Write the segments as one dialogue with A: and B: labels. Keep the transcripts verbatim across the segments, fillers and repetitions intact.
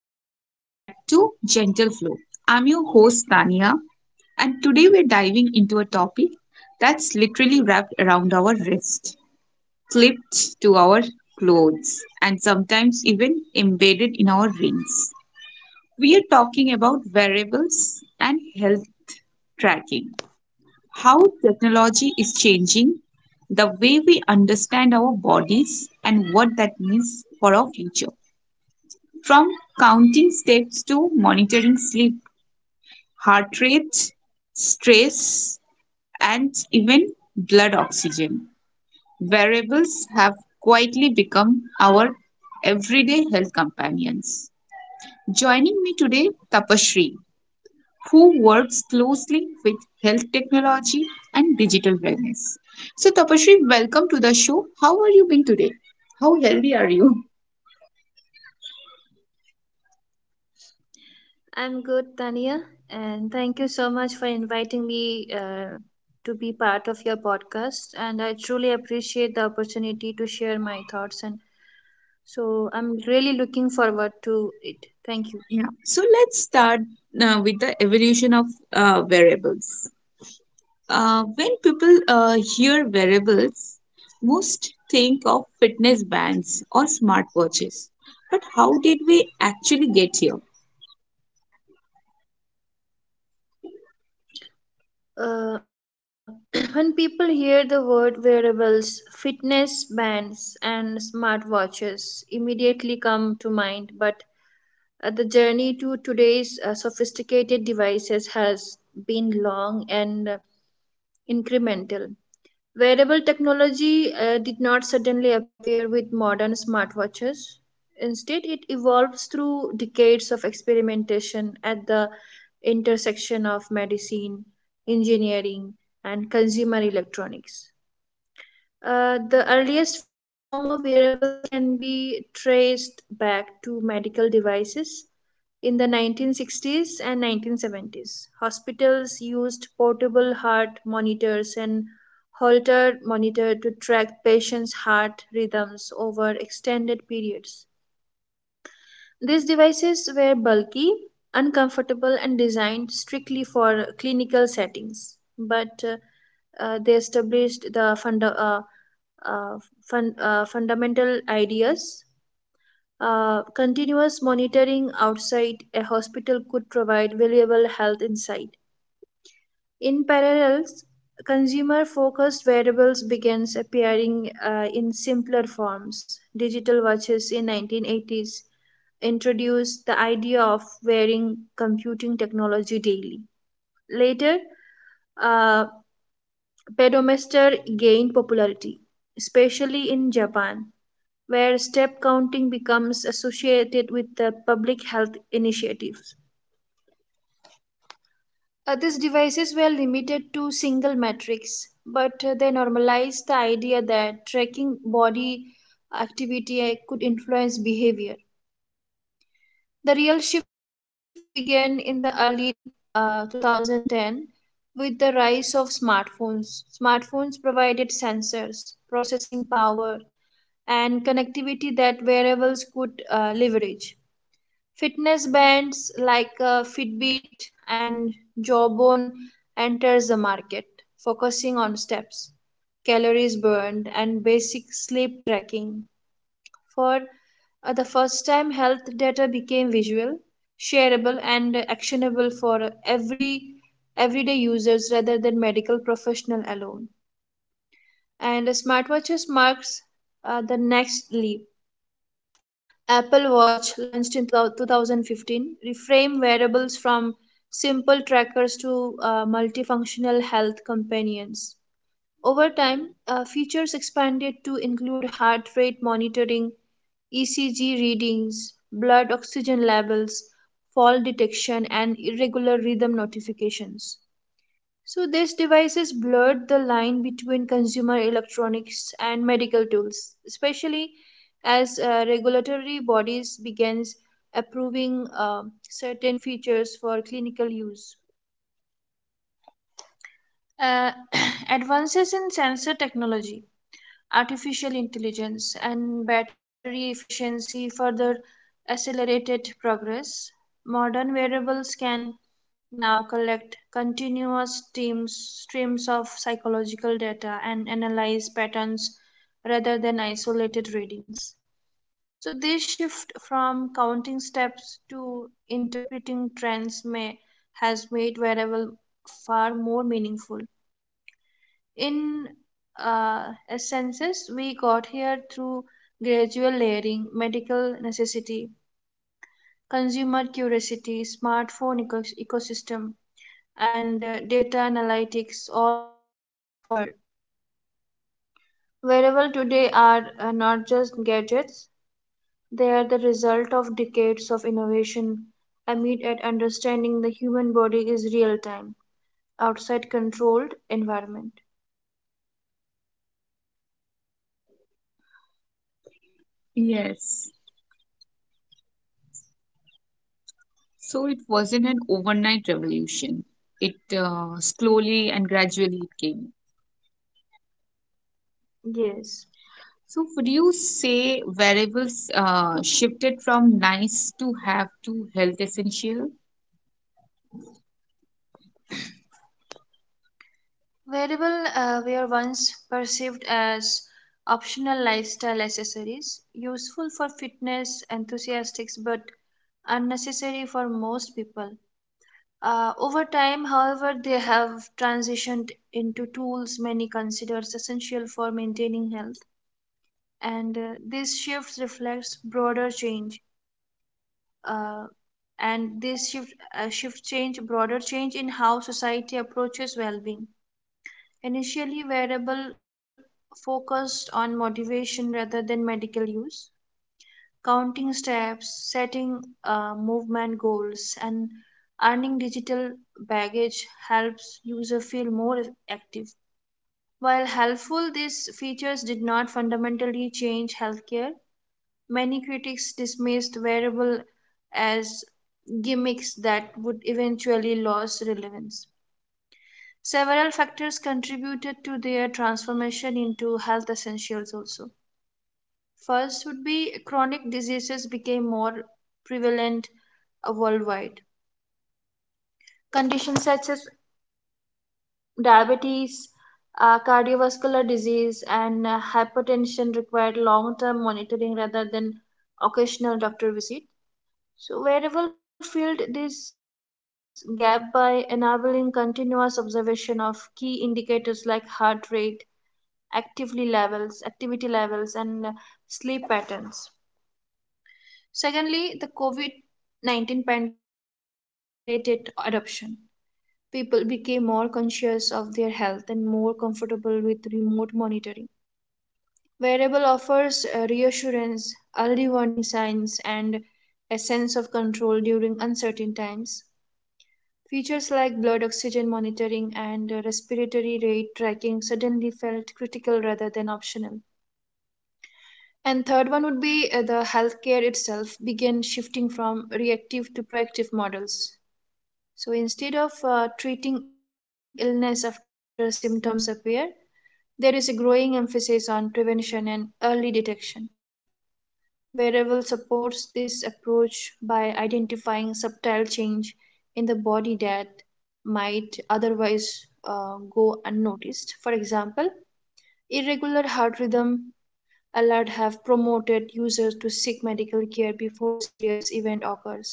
A: and welcome back to Gentle Flow. I'm your host, Tania, and today we're diving into a topic that's literally wrapped around our wrist, clipped to our clothes, and sometimes even embedded in our rings. We are talking about wearables and health tracking, how technology is changing the way we understand our bodies and what that means for our future. From counting steps to monitoring sleep, heart rate, stress, and even blood oxygen, variables have quietly become our everyday health companions. Joining me today, Tapasree, who works closely with health technology and digital wellness. So, Tapasree, welcome to the show. How are you being today? How healthy are you?
B: I'm good, Tania, and thank you so much for inviting me uh, to be part of your podcast. And I truly appreciate the opportunity to share my thoughts. And so I'm really looking forward to it. Thank you.
A: Yeah. So let's start uh, with the evolution of uh, variables. Uh, when people uh, hear variables, most think of fitness bands or smartwatches. But how did we actually get here?
B: Uh, when people hear the word wearables, fitness bands, and smartwatches immediately come to mind, but uh, the journey to today's uh, sophisticated devices has been long and incremental. Wearable technology uh, did not suddenly appear with modern smartwatches. Instead, it evolves through decades of experimentation at the intersection of medicine, engineering, and consumer electronics. Uh, the earliest form of wearables can be traced back to medical devices in the nineteen sixties and nineteen seventies. Hospitals used portable heart monitors and Holter monitor to track patients' heart rhythms over extended periods. These devices were bulky, uncomfortable, and designed strictly for clinical settings, but uh, uh, they established the funda- uh, uh, fun- uh, fundamental ideas uh, continuous monitoring outside a hospital could provide valuable health insight. In parallel, consumer focused wearables began appearing uh, in simpler forms. Digital watches in nineteen eighties introduced the idea of wearing computing technology daily. Later, uh, pedometer gained popularity, especially in Japan, where step counting becomes associated with the public health initiatives. Uh, these devices were limited to single metrics, but uh, they normalized the idea that tracking body activity uh, could influence behavior. The real shift began in the early uh, twenty ten with the rise of smartphones. Smartphones provided sensors, processing power, and connectivity that wearables could uh, leverage. Fitness bands like uh, Fitbit and Jawbone enters the market, focusing on steps, calories burned, and basic sleep tracking. For uh, the first time, health data became visual, shareable, and actionable for every everyday users rather than medical professional alone. And smartwatches marks uh, the next leap. Apple Watch, launched in twenty fifteen, reframed wearables from simple trackers to uh, multifunctional health companions. Over time, uh, features expanded to include heart rate monitoring, E C G readings, blood oxygen levels, fall detection, and irregular rhythm notifications. So these devices blurred the line between consumer electronics and medical tools, especially as uh, regulatory bodies began approving uh, certain features for clinical use. Uh, Advances in sensor technology, artificial intelligence, and battery efficiency further accelerated progress. Modern wearables can now collect continuous streams, streams of psychological data and analyze patterns rather than isolated readings. So, this shift from counting steps to interpreting trends may, has made wearable far more meaningful. In uh, essences, we got here through gradual layering. Medical necessity, consumer curiosity, smartphone eco- ecosystem, and uh, data analytics all converged. Wearable today are uh, not just gadgets, they are the result of decades of innovation aimed at understanding the human body is real time, outside controlled environment.
A: Yes. So it wasn't an overnight revolution. It uh, slowly and gradually it came.
B: Yes.
A: So would you say variables uh, shifted from nice to have to health essential?
B: Wearable uh, were once perceived as optional lifestyle accessories, useful for fitness enthusiasts but unnecessary for most people. Uh, over time, however, they have transitioned into tools many considers essential for maintaining health, and uh, this shift reflects broader change. Uh, and this shift, uh, shift change, Broader change in how society approaches well-being. Initially, wearable focused on motivation rather than medical use, counting steps, setting uh, movement goals, and earning digital baggage helps user feel more active. While helpful, these features did not fundamentally change healthcare. Many critics dismissed wearable as gimmicks that would eventually lose relevance. Several factors contributed to their transformation into health essentials also. First would be chronic diseases became more prevalent uh, worldwide. Conditions such as diabetes, uh, cardiovascular disease, and uh, hypertension required long term monitoring rather than occasional doctor visit. So, wearable filled this gap by enabling continuous observation of key indicators like heart rate, activity levels, activity levels, and uh, sleep patterns. Secondly, the COVID nineteen pandemic um, accelerated adoption. People became more conscious of their health and more comfortable with remote monitoring. Wearable offers uh, reassurance, early warning signs, and a sense of control during uncertain times. Features like blood oxygen monitoring and uh, respiratory rate tracking suddenly felt critical rather than optional. And third one would be uh, the healthcare itself began shifting from reactive to proactive models. So instead of uh, treating illness after symptoms appear, there is a growing emphasis on prevention and early detection. Wearable supports this approach by identifying subtle change in the body that might otherwise uh, go unnoticed. For example, irregular heart rhythm, allowed have promoted users to seek medical care before serious event occurs.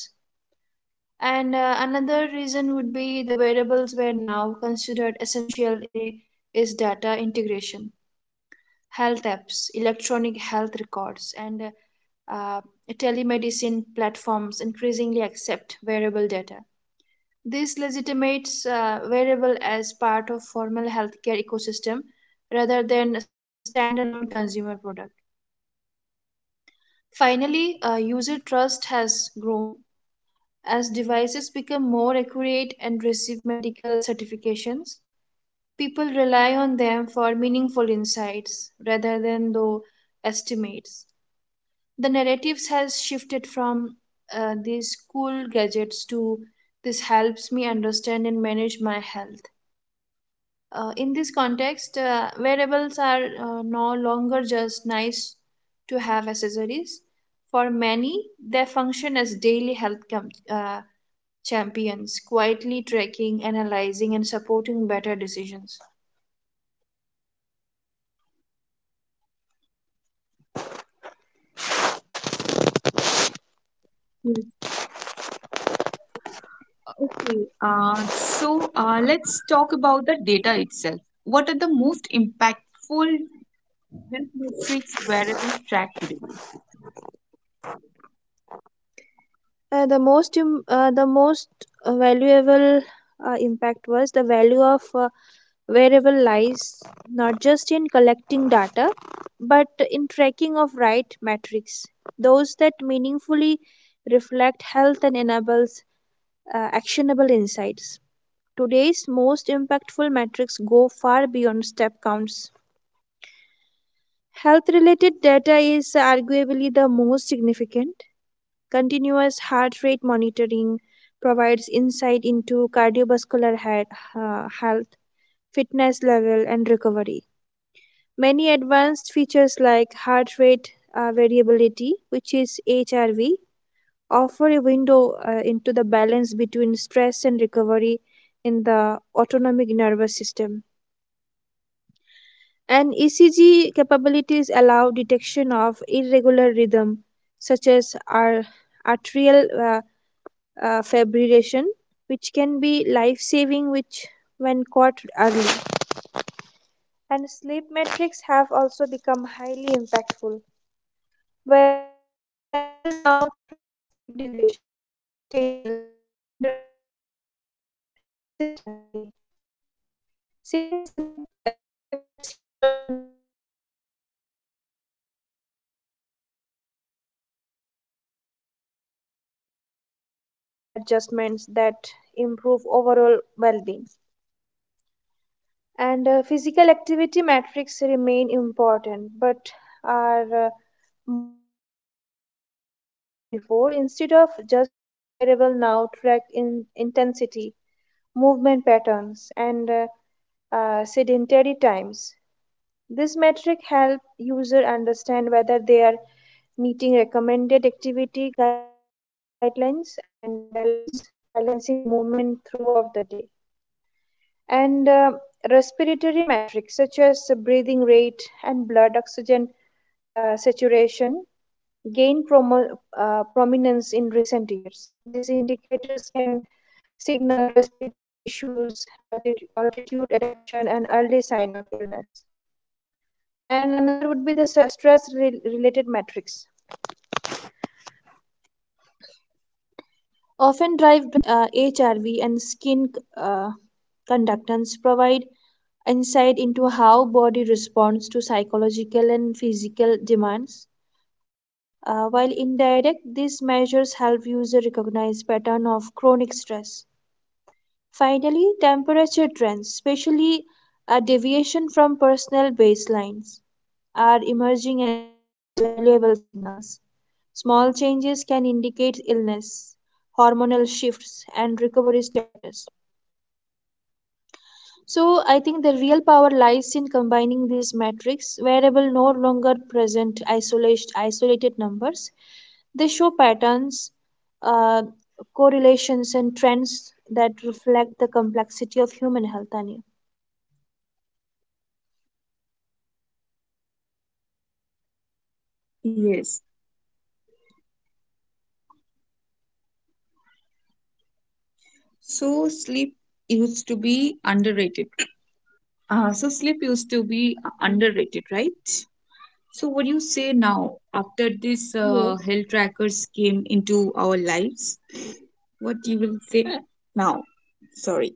B: And uh, another reason would be the wearables were now considered essential i- is data integration, health apps, electronic health records, and uh, uh, telemedicine platforms increasingly accept wearable data. This legitimates uh, variable as part of formal healthcare ecosystem rather than a standalone consumer product. Finally, uh, user trust has grown. As devices become more accurate and receive medical certifications, people rely on them for meaningful insights rather than though estimates. The narratives has shifted from uh, these cool gadgets to this helps me understand and manage my health. Uh, in this context, uh, wearables are uh, no longer just nice to have accessories. For many, they function as daily health com- uh, champions, quietly tracking, analyzing, and supporting better decisions.
A: Okay, uh, so uh, let's talk about the data itself. What are the most impactful health metrics wearable track today?
B: Uh, the most im- uh, the most uh, valuable uh, impact was the value of uh, variable lies not just in collecting data, but in tracking of right metrics, those that meaningfully reflect health and enables uh, actionable insights. Today's most impactful metrics go far beyond step counts. Health related data is arguably the most significant. Continuous heart rate monitoring provides insight into cardiovascular he- uh, health, fitness level, and recovery. Many advanced features like heart rate uh, variability, which is H R V, offer a window uh, into the balance between stress and recovery in the autonomic nervous system. And E C G capabilities allow detection of irregular rhythm, such as our arterial uh, uh, fibrillation, which can be life-saving which when caught early. And sleep metrics have also become highly impactful. Wearable now tracks sleep duration, sleep stages, interruptions, and consistency. Since sleep uh, affects human immune functions, mental health, and metabolic regulation, understanding sleep pattern help users make lifestyle adjustments that improve overall well-being. And uh, physical activity metrics remain important but are uh, more uh, than before. Instead of just counting steps, wearable now track in intensity, movement patterns, and uh, uh, sedentary times. This metric help user understand whether they are meeting recommended activity guidelines and balance balancing movement throughout the day. And uh, respiratory metrics such as breathing rate and blood oxygen uh, saturation gained promo- uh, prominence in recent years. These indicators can signal respiratory issues, altitude, altitude adaptation, and early sign of illness. And another would be the stress related metrics, often derived from uh, H R V and skin uh, conductance, provide insight into how body responds to psychological and physical demands. Uh, while indirect, these measures help user recognize pattern of chronic stress. Finally, temperature trends, especially a deviation from personal baselines, are emerging as valuable signals. Small changes can indicate illness, hormonal shifts, and recovery status. So, I think the real power lies in combining these metrics. Variable no longer present isolated, isolated numbers. They show patterns, uh, correlations, and trends that reflect the complexity of human health, Tanya.
A: Yes, so sleep used to be underrated. Uh, so sleep used to be uh, underrated, right? So what do you say now after this
B: Yeah.
A: uh, health trackers came into our lives? What you will say now? Sorry.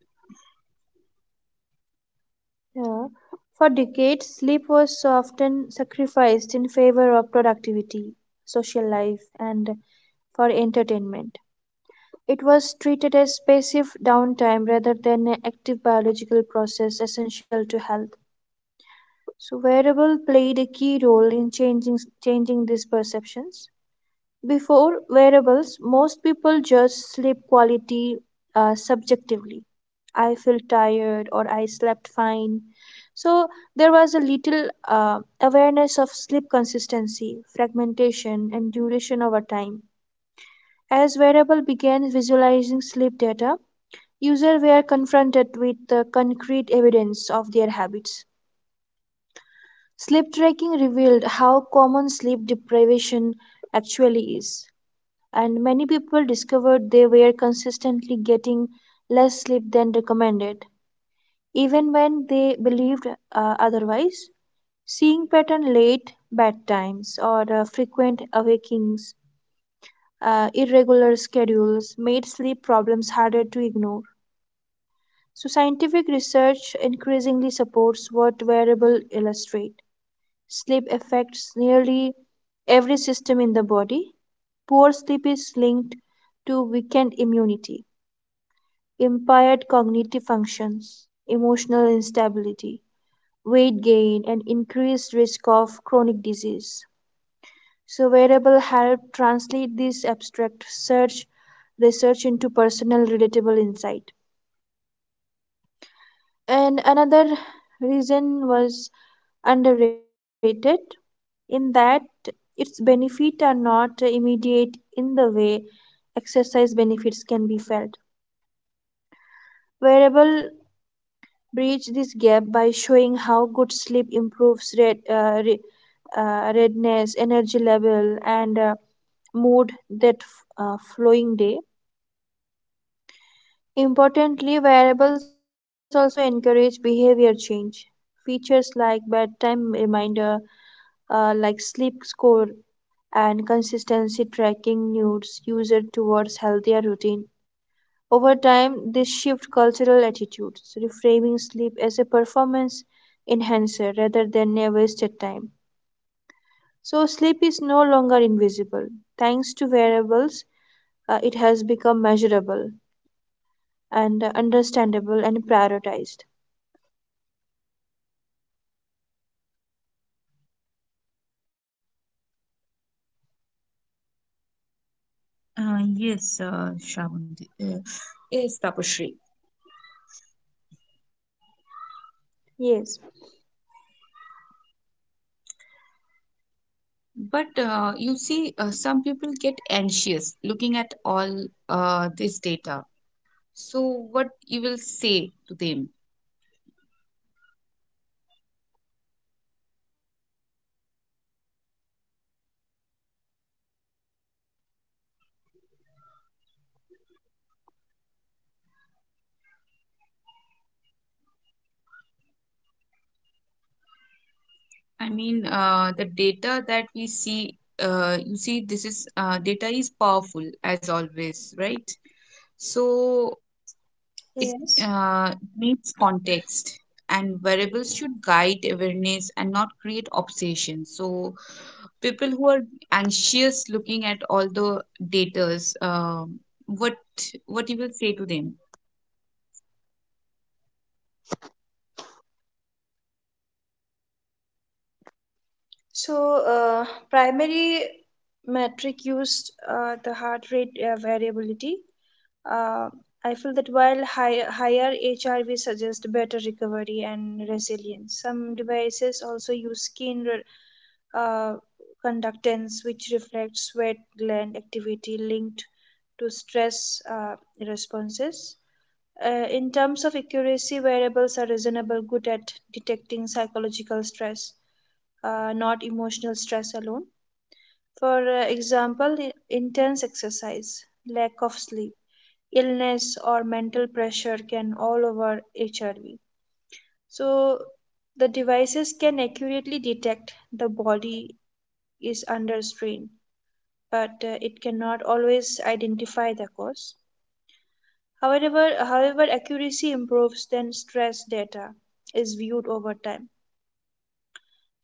B: Yeah. For decades, sleep was often sacrificed in favor of productivity, social life, and for entertainment. It was treated as passive downtime rather than an active biological process essential to health. So wearable played a key role in changing changing these perceptions. Before wearables, most people judged sleep quality uh, subjectively. I feel tired or I slept fine. So there was a little uh, awareness of sleep consistency, fragmentation, and duration over time. As wearable began visualizing sleep data, users were confronted with the concrete evidence of their habits. Sleep tracking revealed how common sleep deprivation actually is, and many people discovered they were consistently getting less sleep than recommended, even when they believed uh, otherwise. Seeing pattern late bedtimes or uh, frequent awakings, uh, irregular schedules made sleep problems harder to ignore. So scientific research increasingly supports what wearable illustrate. Sleep affects nearly every system in the body. Poor sleep is linked to weakened immunity, impaired cognitive functions, emotional instability, weight gain, and increased risk of chronic disease. So wearable help translate this abstract search research into personal relatable insight. And another reason was underrated in that its benefits are not immediate in the way exercise benefits can be felt. Wearable bridge this gap by showing how good sleep improves red, uh, re, uh, redness, energy level, and uh, mood that f- uh, flowing day. Importantly, wearables also encourage behavior change. Features like bedtime reminder, uh, like sleep score and consistency tracking nudes user towards healthier routine. Over time, this shift cultural attitudes, reframing sleep as a performance enhancer rather than a wasted time. So sleep is no longer invisible. Thanks to wearables, uh, it has become measurable and uh, understandable and prioritized.
A: Uh, yes, uh, Shravani. Uh, yes, Tapasree.
B: Yes.
A: But uh, you see, uh, some people get anxious looking at all uh, this data. So, what you will say to them? I mean, uh, the data that we see, uh, you see, this is uh, data is powerful as always, right? So, it
B: Yes.
A: uh, needs context, and variables should guide awareness and not create obsession. So, people who are anxious looking at all the datas um, what what you will say to them?
B: So, uh, primary metric used uh, the heart rate uh, variability. Uh, I feel that while high, higher H R V suggest better recovery and resilience, some devices also use skin re- uh, conductance, which reflects sweat gland activity linked to stress uh, responses. Uh, in terms of accuracy, variables are reasonable good at detecting psychological stress, uh, not emotional stress alone. For uh, example, i- intense exercise, lack of sleep, illness, or mental pressure can all over H R V. So, the devices can accurately detect the body is under strain, but uh, it cannot always identify the cause. However, however, accuracy improves when stress data is viewed over time,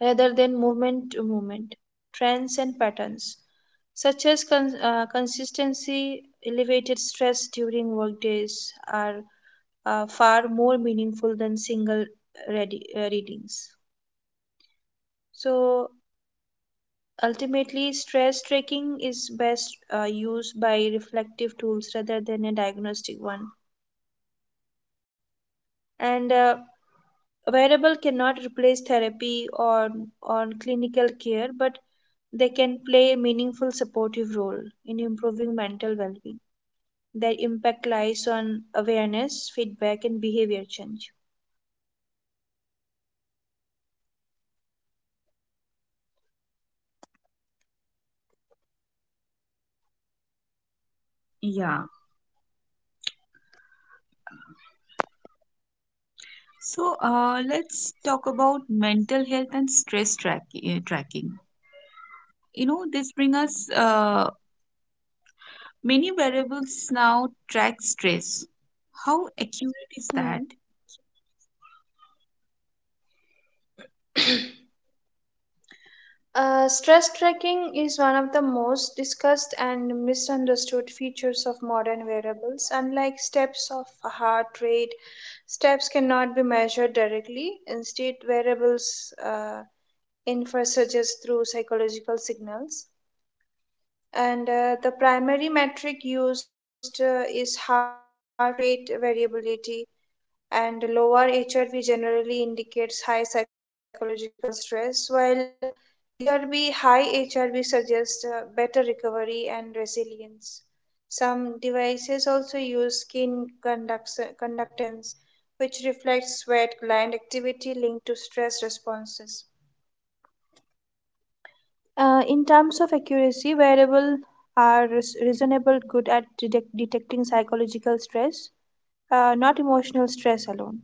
B: rather than movement to movement, trends and patterns, such as con- uh, consistency, elevated stress during work days are uh, far more meaningful than single readi- uh, readings. So ultimately, stress tracking is best uh, used by reflective tools rather than a diagnostic one. And uh, a wearable cannot replace therapy or or clinical care, but they can play a meaningful supportive role in improving mental well being. Their impact lies on awareness, feedback, and behavior change.
A: Yeah, so uh, let's talk about mental health and stress track, uh, tracking You know, this bring us uh, many variables now track stress. How accurate is
B: Hmm.
A: that?
B: Uh, stress tracking is one of the most discussed and misunderstood features of modern wearables. Unlike steps of heart rate, steps cannot be measured directly. Instead, wearables uh, infer suggest through psychological signals. And uh, the primary metric used uh, is heart rate variability, and lower H R V generally indicates high psychological stress, while H R V high H R V suggests uh, better recovery and resilience. Some devices also use skin conduct- conductance, which reflects sweat gland activity linked to stress responses. Uh, in terms of accuracy, wearables are res- reasonable good at detec- detecting psychological stress, uh, not emotional stress alone.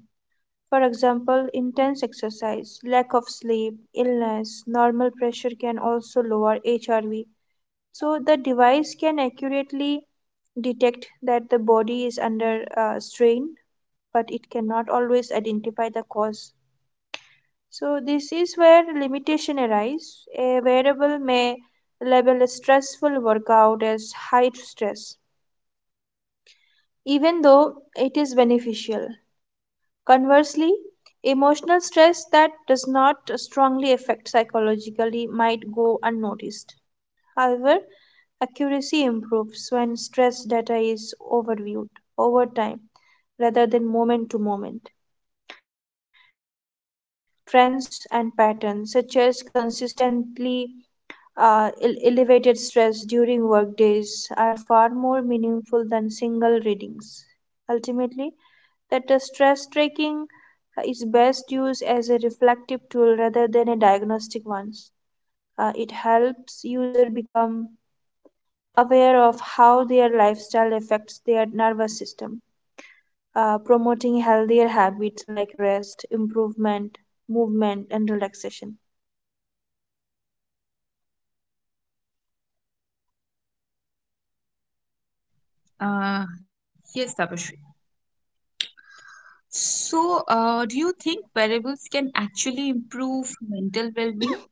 B: For example, intense exercise, lack of sleep, illness, normal pressure can also lower H R V. So the device can accurately detect that the body is under uh, strain, but it cannot always identify the cause. So this is where limitation arise. A variable may label a stressful workout as high stress, even though it is beneficial. Conversely, emotional stress that does not strongly affect psychologically might go unnoticed. However, accuracy improves when stress data is overviewed over time rather than moment to moment. Trends and patterns such as consistently uh, el- elevated stress during work days are far more meaningful than single readings. Ultimately, that the stress tracking uh, is best used as a reflective tool rather than a diagnostic one. Uh, it helps user become aware of how their lifestyle affects their nervous system, uh, promoting healthier habits like rest, improvement, movement, and relaxation.
A: uh, yes, Tapashri. So uh, do you think variables can actually improve mental well-being?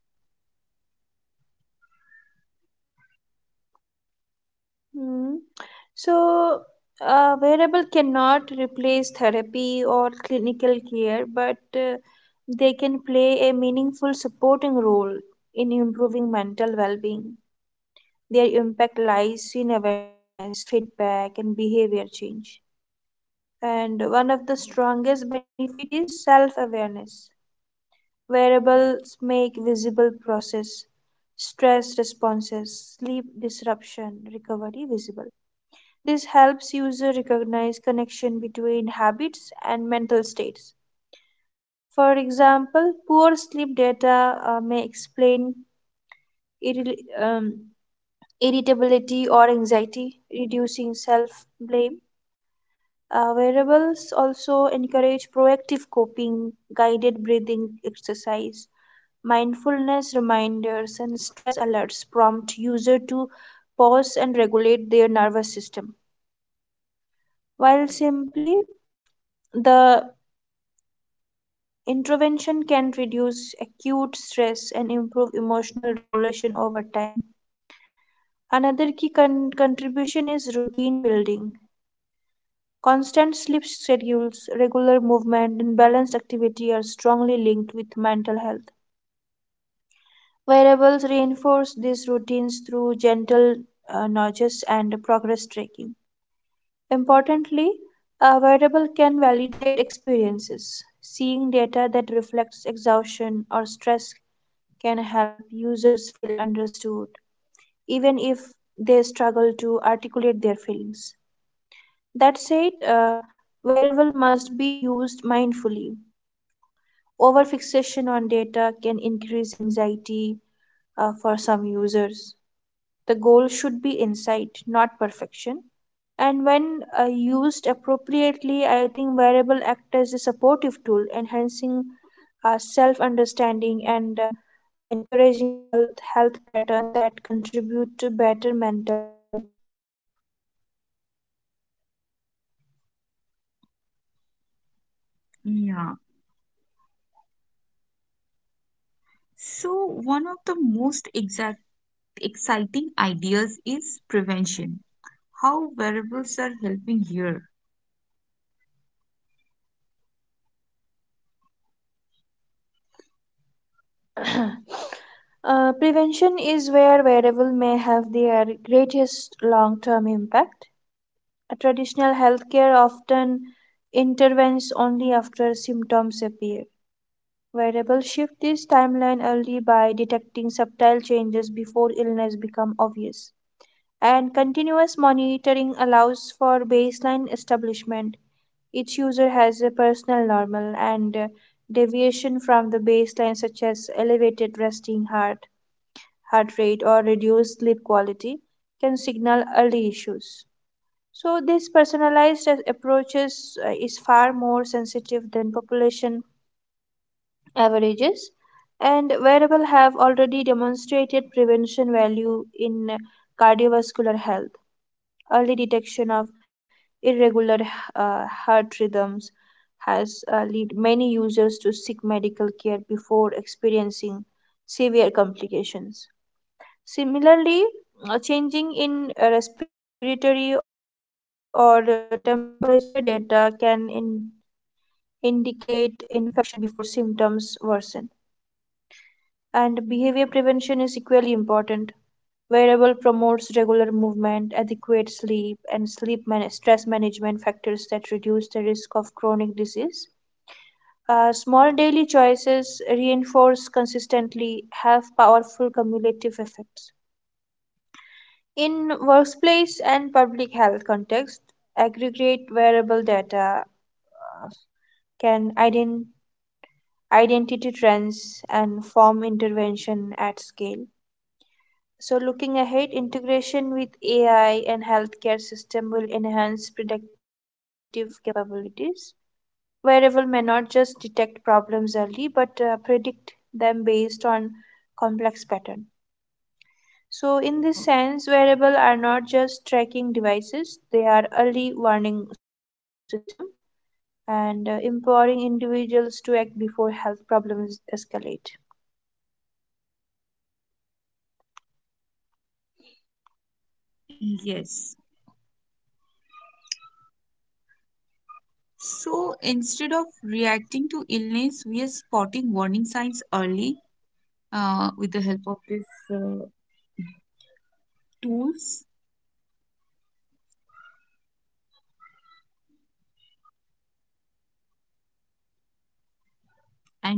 B: Hmm. So, uh, Wearable cannot replace therapy or clinical care, but uh, they can play a meaningful supporting role in improving mental well being. Their impact lies in awareness, feedback, and behavior change. And one of the strongest benefits is self awareness. Wearables make visible process, stress responses, sleep disruption, recovery visible. This helps user recognize connection between habits and mental states. For example, poor sleep data uh, may explain irri- um, irritability or anxiety, reducing self-blame. Uh, wearables also encourage proactive coping. Guided breathing exercise, mindfulness reminders, and stress alerts prompt user to pause and regulate their nervous system. While simply the Intervention can reduce acute stress and improve emotional regulation over time. Another key con- contribution is routine building. Constant sleep schedules, regular movement, and balanced activity are strongly linked with mental health. Wearables reinforce these routines through gentle uh, nudges and progress tracking. Importantly, a wearable can validate experiences. Seeing data that reflects exhaustion or stress can help users feel understood, even if they struggle to articulate their feelings. That said, uh, variable must be used mindfully. Over fixation on data can increase anxiety uh, for some users. The goal should be insight, not perfection. And when uh, used appropriately, I think variable act as a supportive tool, enhancing uh, self understanding and uh, encouraging health health pattern that contribute to better mental well being.
A: Yeah, so one of the most exciting ideas is prevention. How wearables are helping here.
B: Uh, prevention is where variable may have their greatest long-term impact. A traditional healthcare often intervenes only after symptoms appear. Variables shift this timeline early by detecting subtle changes before illness become obvious. And continuous monitoring allows for baseline establishment. Each user has a personal normal, and uh, deviation from the baseline such as elevated resting heart heart rate or reduced sleep quality can signal early issues. So this personalized approaches uh, is far more sensitive than population averages, and wearable have already demonstrated prevention value in cardiovascular health. Early detection of irregular uh, heart rhythms has uh, led many users to seek medical care before experiencing severe complications. Similarly, a changing in uh, respiratory or uh, temperature data can in- indicate infection before symptoms worsen. And behavior prevention is equally important. Wearable promotes regular movement, adequate sleep, and sleep man- stress management factors that reduce the risk of chronic disease. Uh, small daily choices reinforced consistently have powerful cumulative effects. In workplace and public health context, aggregate wearable data uh, can ident- identity trends and form intervention at scale. So, looking ahead, integration with A I and healthcare system will enhance predictive capabilities. Wearable may not just detect problems early, but uh, predict them based on complex pattern. So, in this sense, wearable are not just tracking devices; they are early warning system and uh, empowering individuals to act before health problems escalate.
A: Yes. So instead of reacting to illness, we are spotting warning signs early uh, with the help of these uh, tools.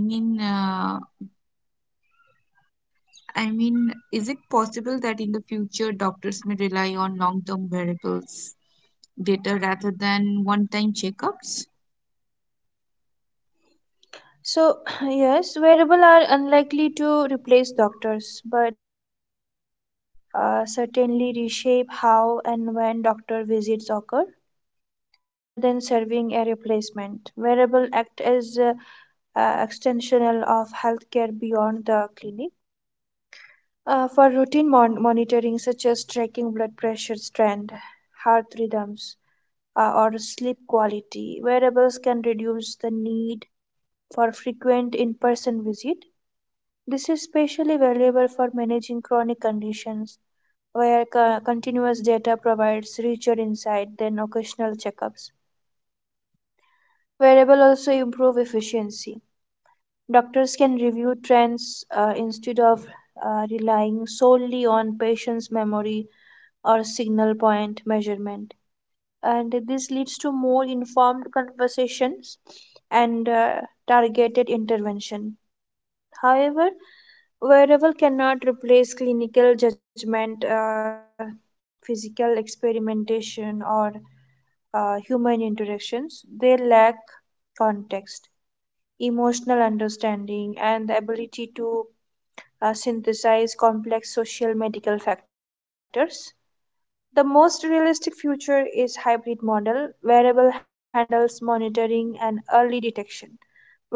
A: I mean, uh, I mean, is it possible that in the future doctors may rely on long-term wearables data rather than one-time checkups?
B: So, yes, wearable are unlikely to replace doctors, but they will uh, certainly reshape how and when doctor visits occur rather than serving a replacement. Wearable act as uh, uh, extensional of healthcare beyond the clinic. Uh, for routine mon- monitoring, such as tracking blood pressure, strand, heart rhythms, uh, or sleep quality, wearables can reduce the need for frequent in person visit. This is especially valuable for managing chronic conditions where co- continuous data provides richer insight than occasional checkups. Wearable also improve efficiency. Doctors can review trends uh, instead of uh, relying solely on patient's memory or signal point measurement. And this leads to more informed conversations and uh, targeted intervention. However, wearable cannot replace clinical judgment, uh, physical experimentation, or uh, human interactions. They lack context, emotional understanding, and the ability to uh, synthesize complex social medical factors. The most realistic future is hybrid model: wearable handles monitoring and early detection,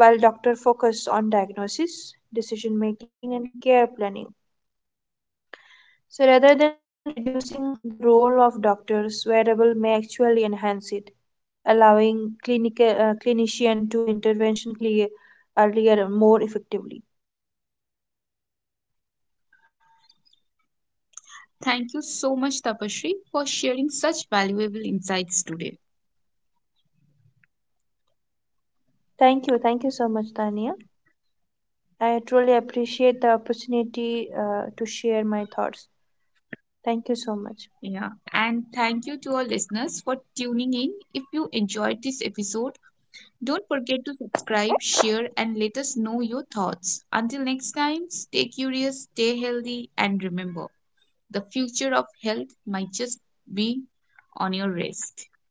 B: while doctor focus on diagnosis, decision making and care planning. So rather than reducing the role of doctors, wearable may actually enhance it, allowing clinical uh, clinician to intervention clear, earlier more effectively.
A: Thank you so much, Tapashri, for sharing such valuable insights today.
B: Thank you. Thank you so much, Tania. I truly appreciate the opportunity uh, to share my thoughts. Thank you so much.
A: Yeah, and thank you to our listeners for tuning in. If you enjoyed this episode, don't forget to subscribe, share, and let us know your thoughts. Until next time, stay curious, stay healthy, and remember the future of health might just be on your wrist.